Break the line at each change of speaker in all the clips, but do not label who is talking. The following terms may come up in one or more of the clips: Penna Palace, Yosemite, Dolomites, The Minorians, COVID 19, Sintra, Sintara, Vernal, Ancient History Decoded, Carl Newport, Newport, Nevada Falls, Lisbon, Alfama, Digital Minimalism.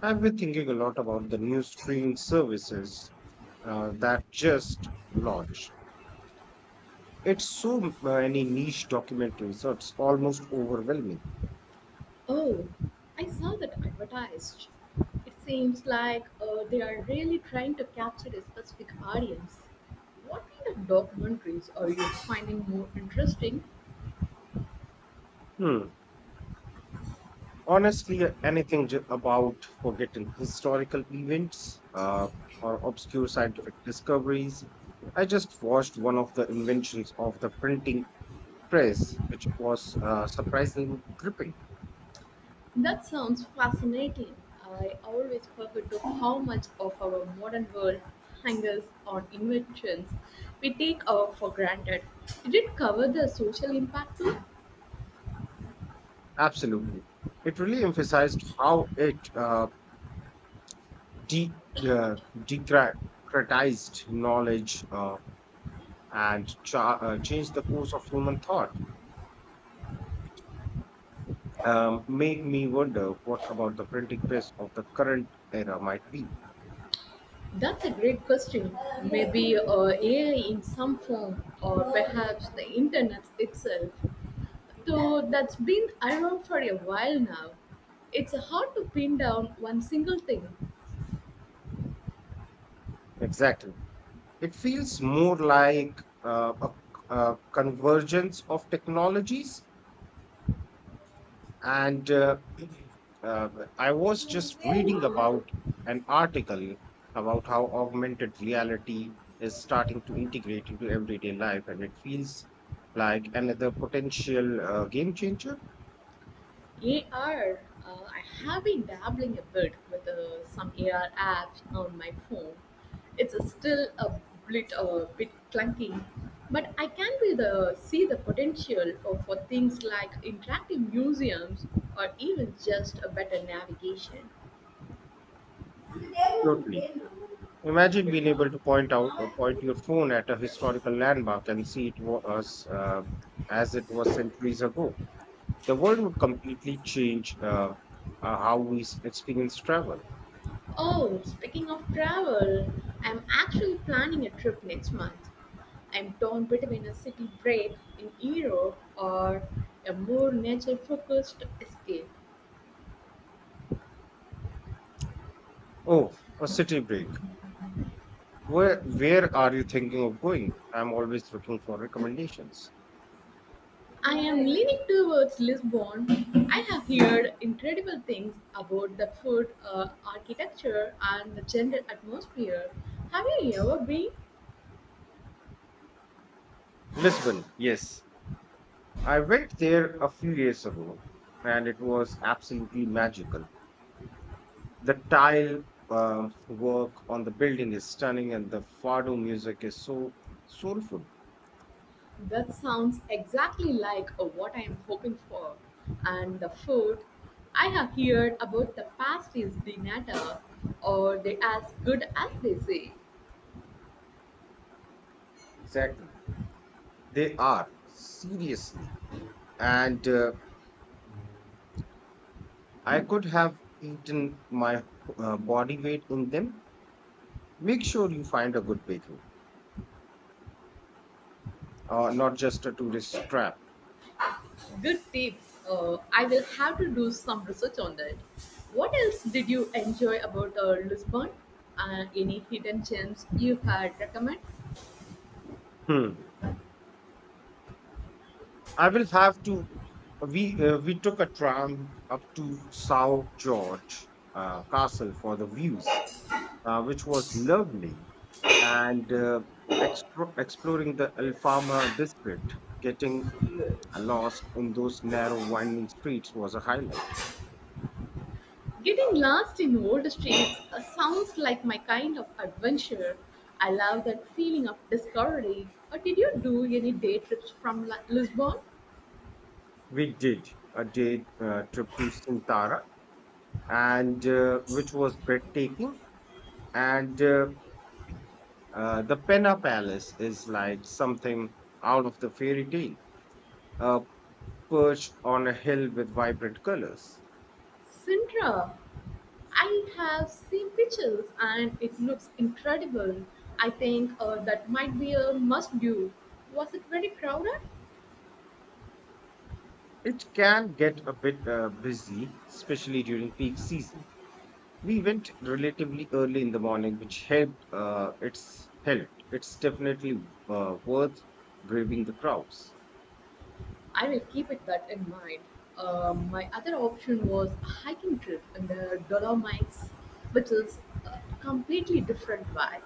I've been thinking a lot about the new streaming services that just launched. It's so many niche documentaries, so it's almost overwhelming.
Oh, I saw that advertised. It seems like they are really trying to capture a specific audience. What kind of documentaries are you finding more interesting?
Hmm. Honestly, anything about forgotten historical events, or obscure scientific discoveries. I just watched one of the inventions of the printing press, which was surprisingly gripping.
That sounds fascinating. I always forget to how much of our modern world hangs on inventions we take for granted. Did it cover the social impact too?
Absolutely. It really emphasized how it de- uh, democratized knowledge, and changed the course of human thought. Make me wonder what about the printing press of the current era might be.
That's a great question. Maybe AI in some form, or perhaps the internet itself. Though that's been around for a while now, it's hard to pin down one single thing.
Exactly. It feels more like a convergence of technologies. And uh, I was just reading about an article about how augmented reality is starting to integrate into everyday life, and it feels like another potential, game changer.
AR, I have been dabbling a bit with some AR apps on my phone. It's still a bit clunky, but I can be see the potential for things like interactive museums or even just a better navigation.
Totally. Imagine being able to point your phone at a historical landmark and see it was, as it was centuries ago. The world would completely change, how we experience travel.
Oh, speaking of travel, I'm actually planning a trip next month. I'm torn between a city break in Europe or a more nature focused escape.
Oh, a city break. Where are you thinking of going? I'm always looking for recommendations.
I am leaning towards Lisbon. I have heard incredible things about the food, architecture, and the general atmosphere. Have you ever been?
Lisbon, yes. I went there a few years ago and it was absolutely magical. The tile work on the building is stunning and the fado music is so soulful.
That sounds exactly like what I am hoping for. And the food, I have heard about the pastries de nata, or they as good as they say.
Exactly. They are, seriously. And I could have eaten my body weight in them. Make sure you find a good bakery, not just a tourist trap.
Good tips. I will have to do some research on that. What else did you enjoy about Lisbon? Any hidden gems you had recommend?
Hmm. I will have to. We took a tram up to South George Castle for the views, which was lovely, and exploring the Alfama district, getting lost in those narrow winding streets was a highlight.
Getting lost in old streets sounds like my kind of adventure. I love that feeling of discovery. Did you do any day trips from Lisbon?
We did a day trip to Sintara, and which was breathtaking, and the Penna Palace is like something out of the fairy tale. Uh, Perched on a hill with vibrant colors.
Sintra. I have seen pictures and it looks incredible. I think that might be a must do. Was it very crowded?
It can get a bit busy, especially during peak season. We went relatively early in the morning, which helped. It's definitely worth braving the crowds.
I will keep it that in mind. My other option was a hiking trip in the Dolomites, which is a completely different vibe.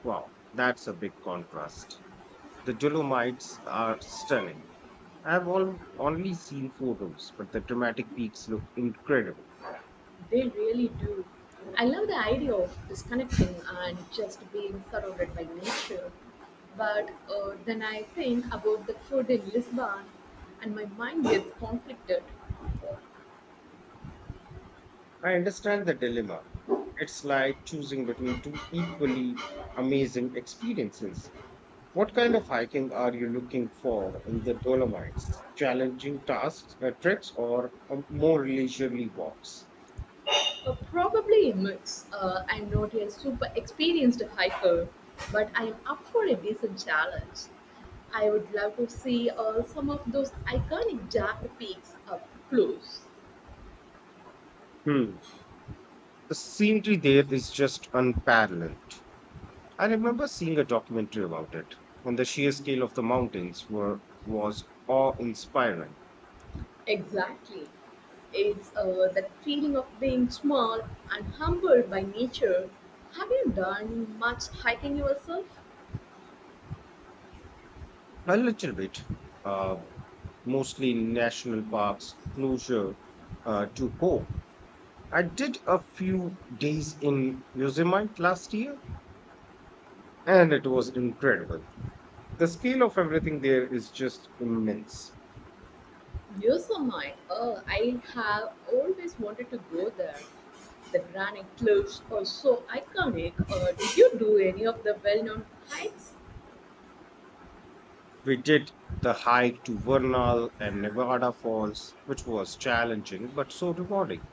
Wow, that's a big contrast. The Dolomites are stunning. Only seen photos, but the dramatic peaks look incredible.
They really do. I love the idea of disconnecting and just being surrounded by nature. But then I think about the food in Lisbon and my mind gets conflicted.
I understand the dilemma. It's like choosing between two equally amazing experiences. What kind of hiking are you looking for in the Dolomites? Challenging tasks, treks, or more leisurely walks?
Probably a mix. I'm not a super experienced hiker, but I am up for a decent challenge. I would love to see some of those iconic Jack peaks up close.
Hmm. The scenery there is just unparalleled. I remember seeing a documentary about it, and the sheer scale of the mountains were was awe-inspiring.
Exactly. It's that feeling of being small and humbled by nature. Have you done much hiking yourself?
A little bit. Uh, Mostly national parks, closer to home. I did a few days in Yosemite last year, and it was incredible. The scale of everything there is just immense.
Yosemite. Oh, I have always wanted to go there. The granite cliffs are so iconic. Did you do any of the well-known hikes?
We did the hike to Vernal and Nevada Falls, which was challenging but so rewarding.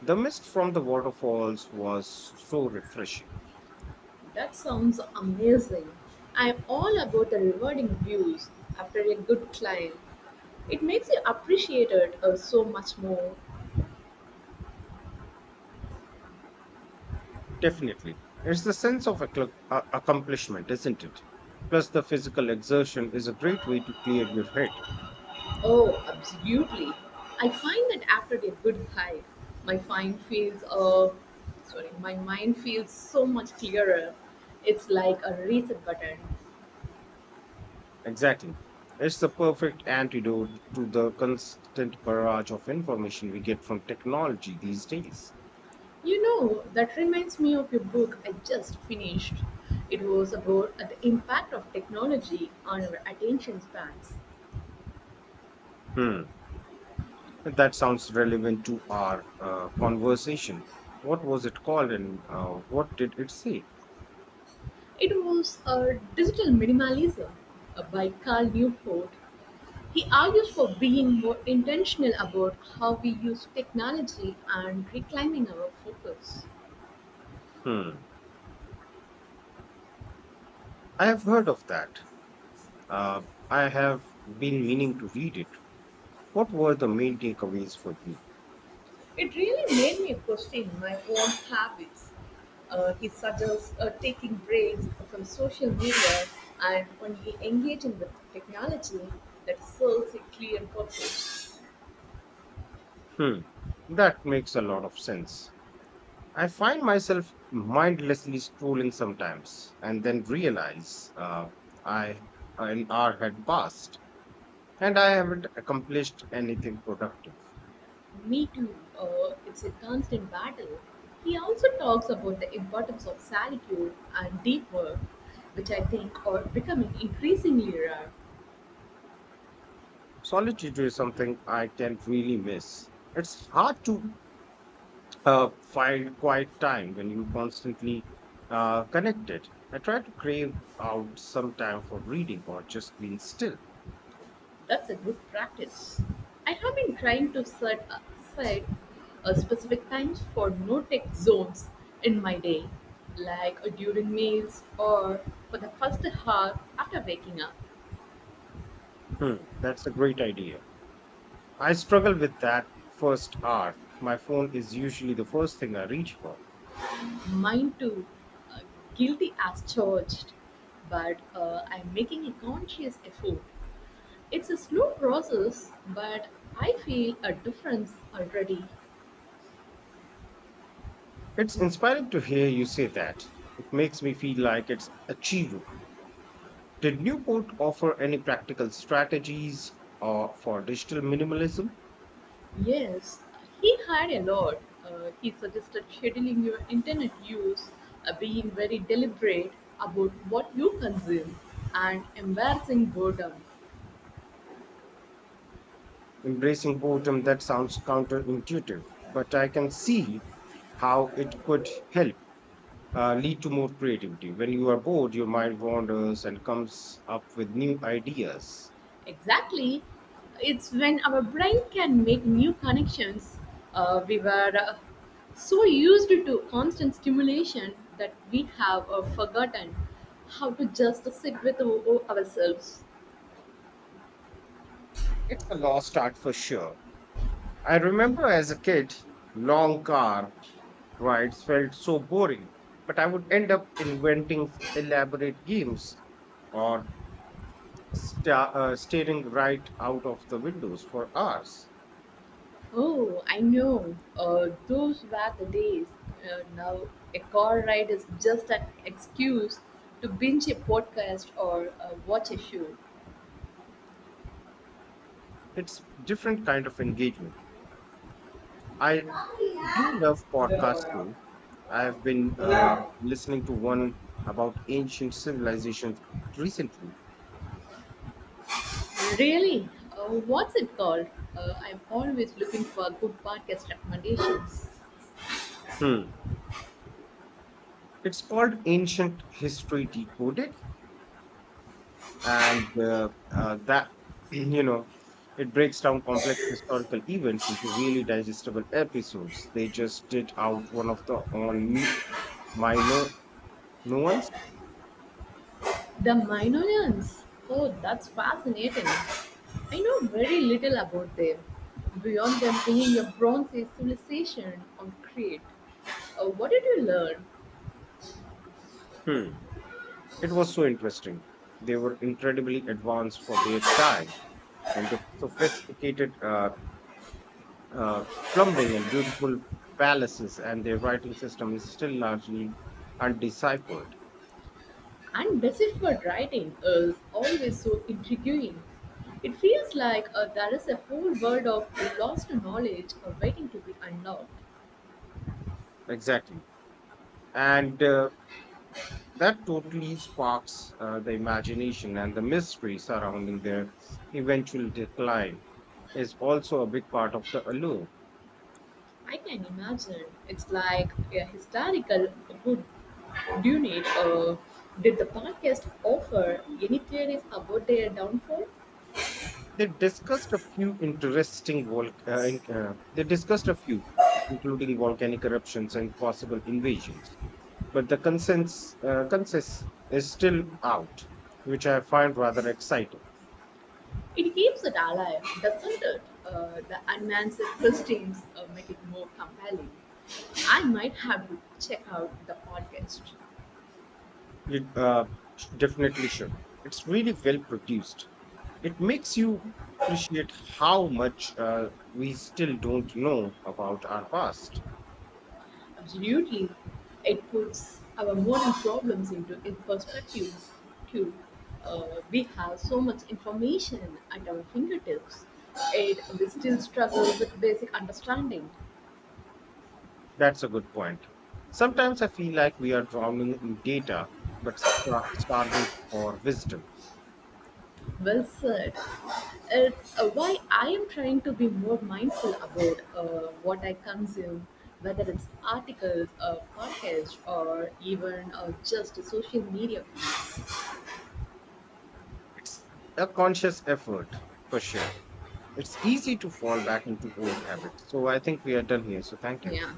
The mist from the waterfalls was so refreshing.
That sounds amazing. I am all about the rewarding views after a good climb. It makes you appreciate it so much more.
Definitely. It's the sense of accomplishment, isn't it? Plus, the physical exertion is a great way to clear your head.
Oh, absolutely. I find that after a good hike, my mind feels uh, my mind feels so much clearer. It's like a reset button.
Exactly. It's the perfect antidote to the constant barrage of information we get from technology these days.
You know, that reminds me of your book I just finished. It was about the impact of technology on our attention spans.
Hmm. That sounds relevant to our, conversation. What was it called, and what did it say?
It was a digital minimalism by Carl Newport. He argues for being more intentional about how we use technology and reclaiming our focus.
Hmm. I have heard of that. Uh, I have been meaning to read it. What were the main takeaways for you?
It really made me question my own habits. He suggests taking breaks from social media and only engaging with technology that serves a clear purpose.
Hmm, that makes a lot of sense. I find myself mindlessly scrolling sometimes and then realize I an hour had passed and I haven't accomplished anything productive.
Me too. It's a constant battle. He also talks about the importance of solitude and deep work, which I think are becoming increasingly rare.
Solitude is something I can really miss. It's hard to find quiet time when you're constantly, connected. I try to crave out some time for reading or just being still.
That's a good practice. I have been trying to set specific times for no-tech zones in my day, like during meals or for the first hour after waking up.
Hmm, that's a great idea. I struggle with that first hour. My phone is usually the first thing I reach for.
Mine too, uh, guilty as charged, but I'm making a conscious effort. It's a slow process, but I feel a difference already.
It's inspiring to hear you say that. It makes me feel like it's achievable. Did Newport offer any practical strategies, for digital minimalism?
Yes, he had a lot. He suggested scheduling your internet use, being very deliberate about what you consume, and embarrassing boredom.
Embracing boredom, that sounds counterintuitive, but I can see how it could help, lead to more creativity. When you are bored, your mind wanders and comes up with new ideas.
Exactly. It's when our brain can make new connections. We were so used to constant stimulation that we have forgotten how to just sit with ourselves.
It's a lost art for sure. I remember as a kid, long car rides felt so boring, but I would end up inventing elaborate games or staring right out of the windows for hours.
Oh, I know. Those were the days. Now, a car ride is just an excuse to binge a podcast or watch a show.
It's different kind of engagement. I do love podcasts though. I've been listening to one about ancient civilizations recently.
Really? What's it called? I'm always looking for good podcast recommendations.
Hmm. It's called Ancient History Decoded, and that you know it breaks down complex historical events into really digestible episodes. They just did out one of the on me, my no, no ones.
The Minorians? Oh, that's fascinating. I know very little about them, beyond them being a Bronze Age civilization on Crete. What did you learn?
Hmm. It was so interesting. They were incredibly advanced for their time, and the sophisticated, uh, plumbing and beautiful palaces, and their writing system is still largely undeciphered.
And deciphered writing is always so intriguing. It feels like there is a whole world of lost knowledge waiting to be unlocked.
Exactly. and That totally sparks, the imagination, and the mystery surrounding their eventual decline is also a big part of the allure.
I can imagine. It's like a historical good Dunit. Did the podcast offer any theories about their downfall?
They discussed a few interesting vol. In- they discussed a few, including volcanic eruptions and possible invasions. But the consensus is still out, which I find rather exciting.
It keeps it alive, doesn't it? The unanswered questions make it more compelling. I might have to check out the podcast.
It definitely should. It's really well produced. It makes you appreciate how much, we still don't know about our past.
Absolutely. It puts our modern problems into in perspective, too. We have so much information at our fingertips, and we still struggle with basic understanding.
That's a good point. Sometimes I feel like we are drowning in data, but starving for wisdom.
Well said. It's why I am trying to be more mindful about what I consume, whether it's articles, podcasts, or even just social media. Feeds.
It's a conscious effort, for sure. It's easy to fall back into old habits. So I think we are done here. So thank you.
Yeah.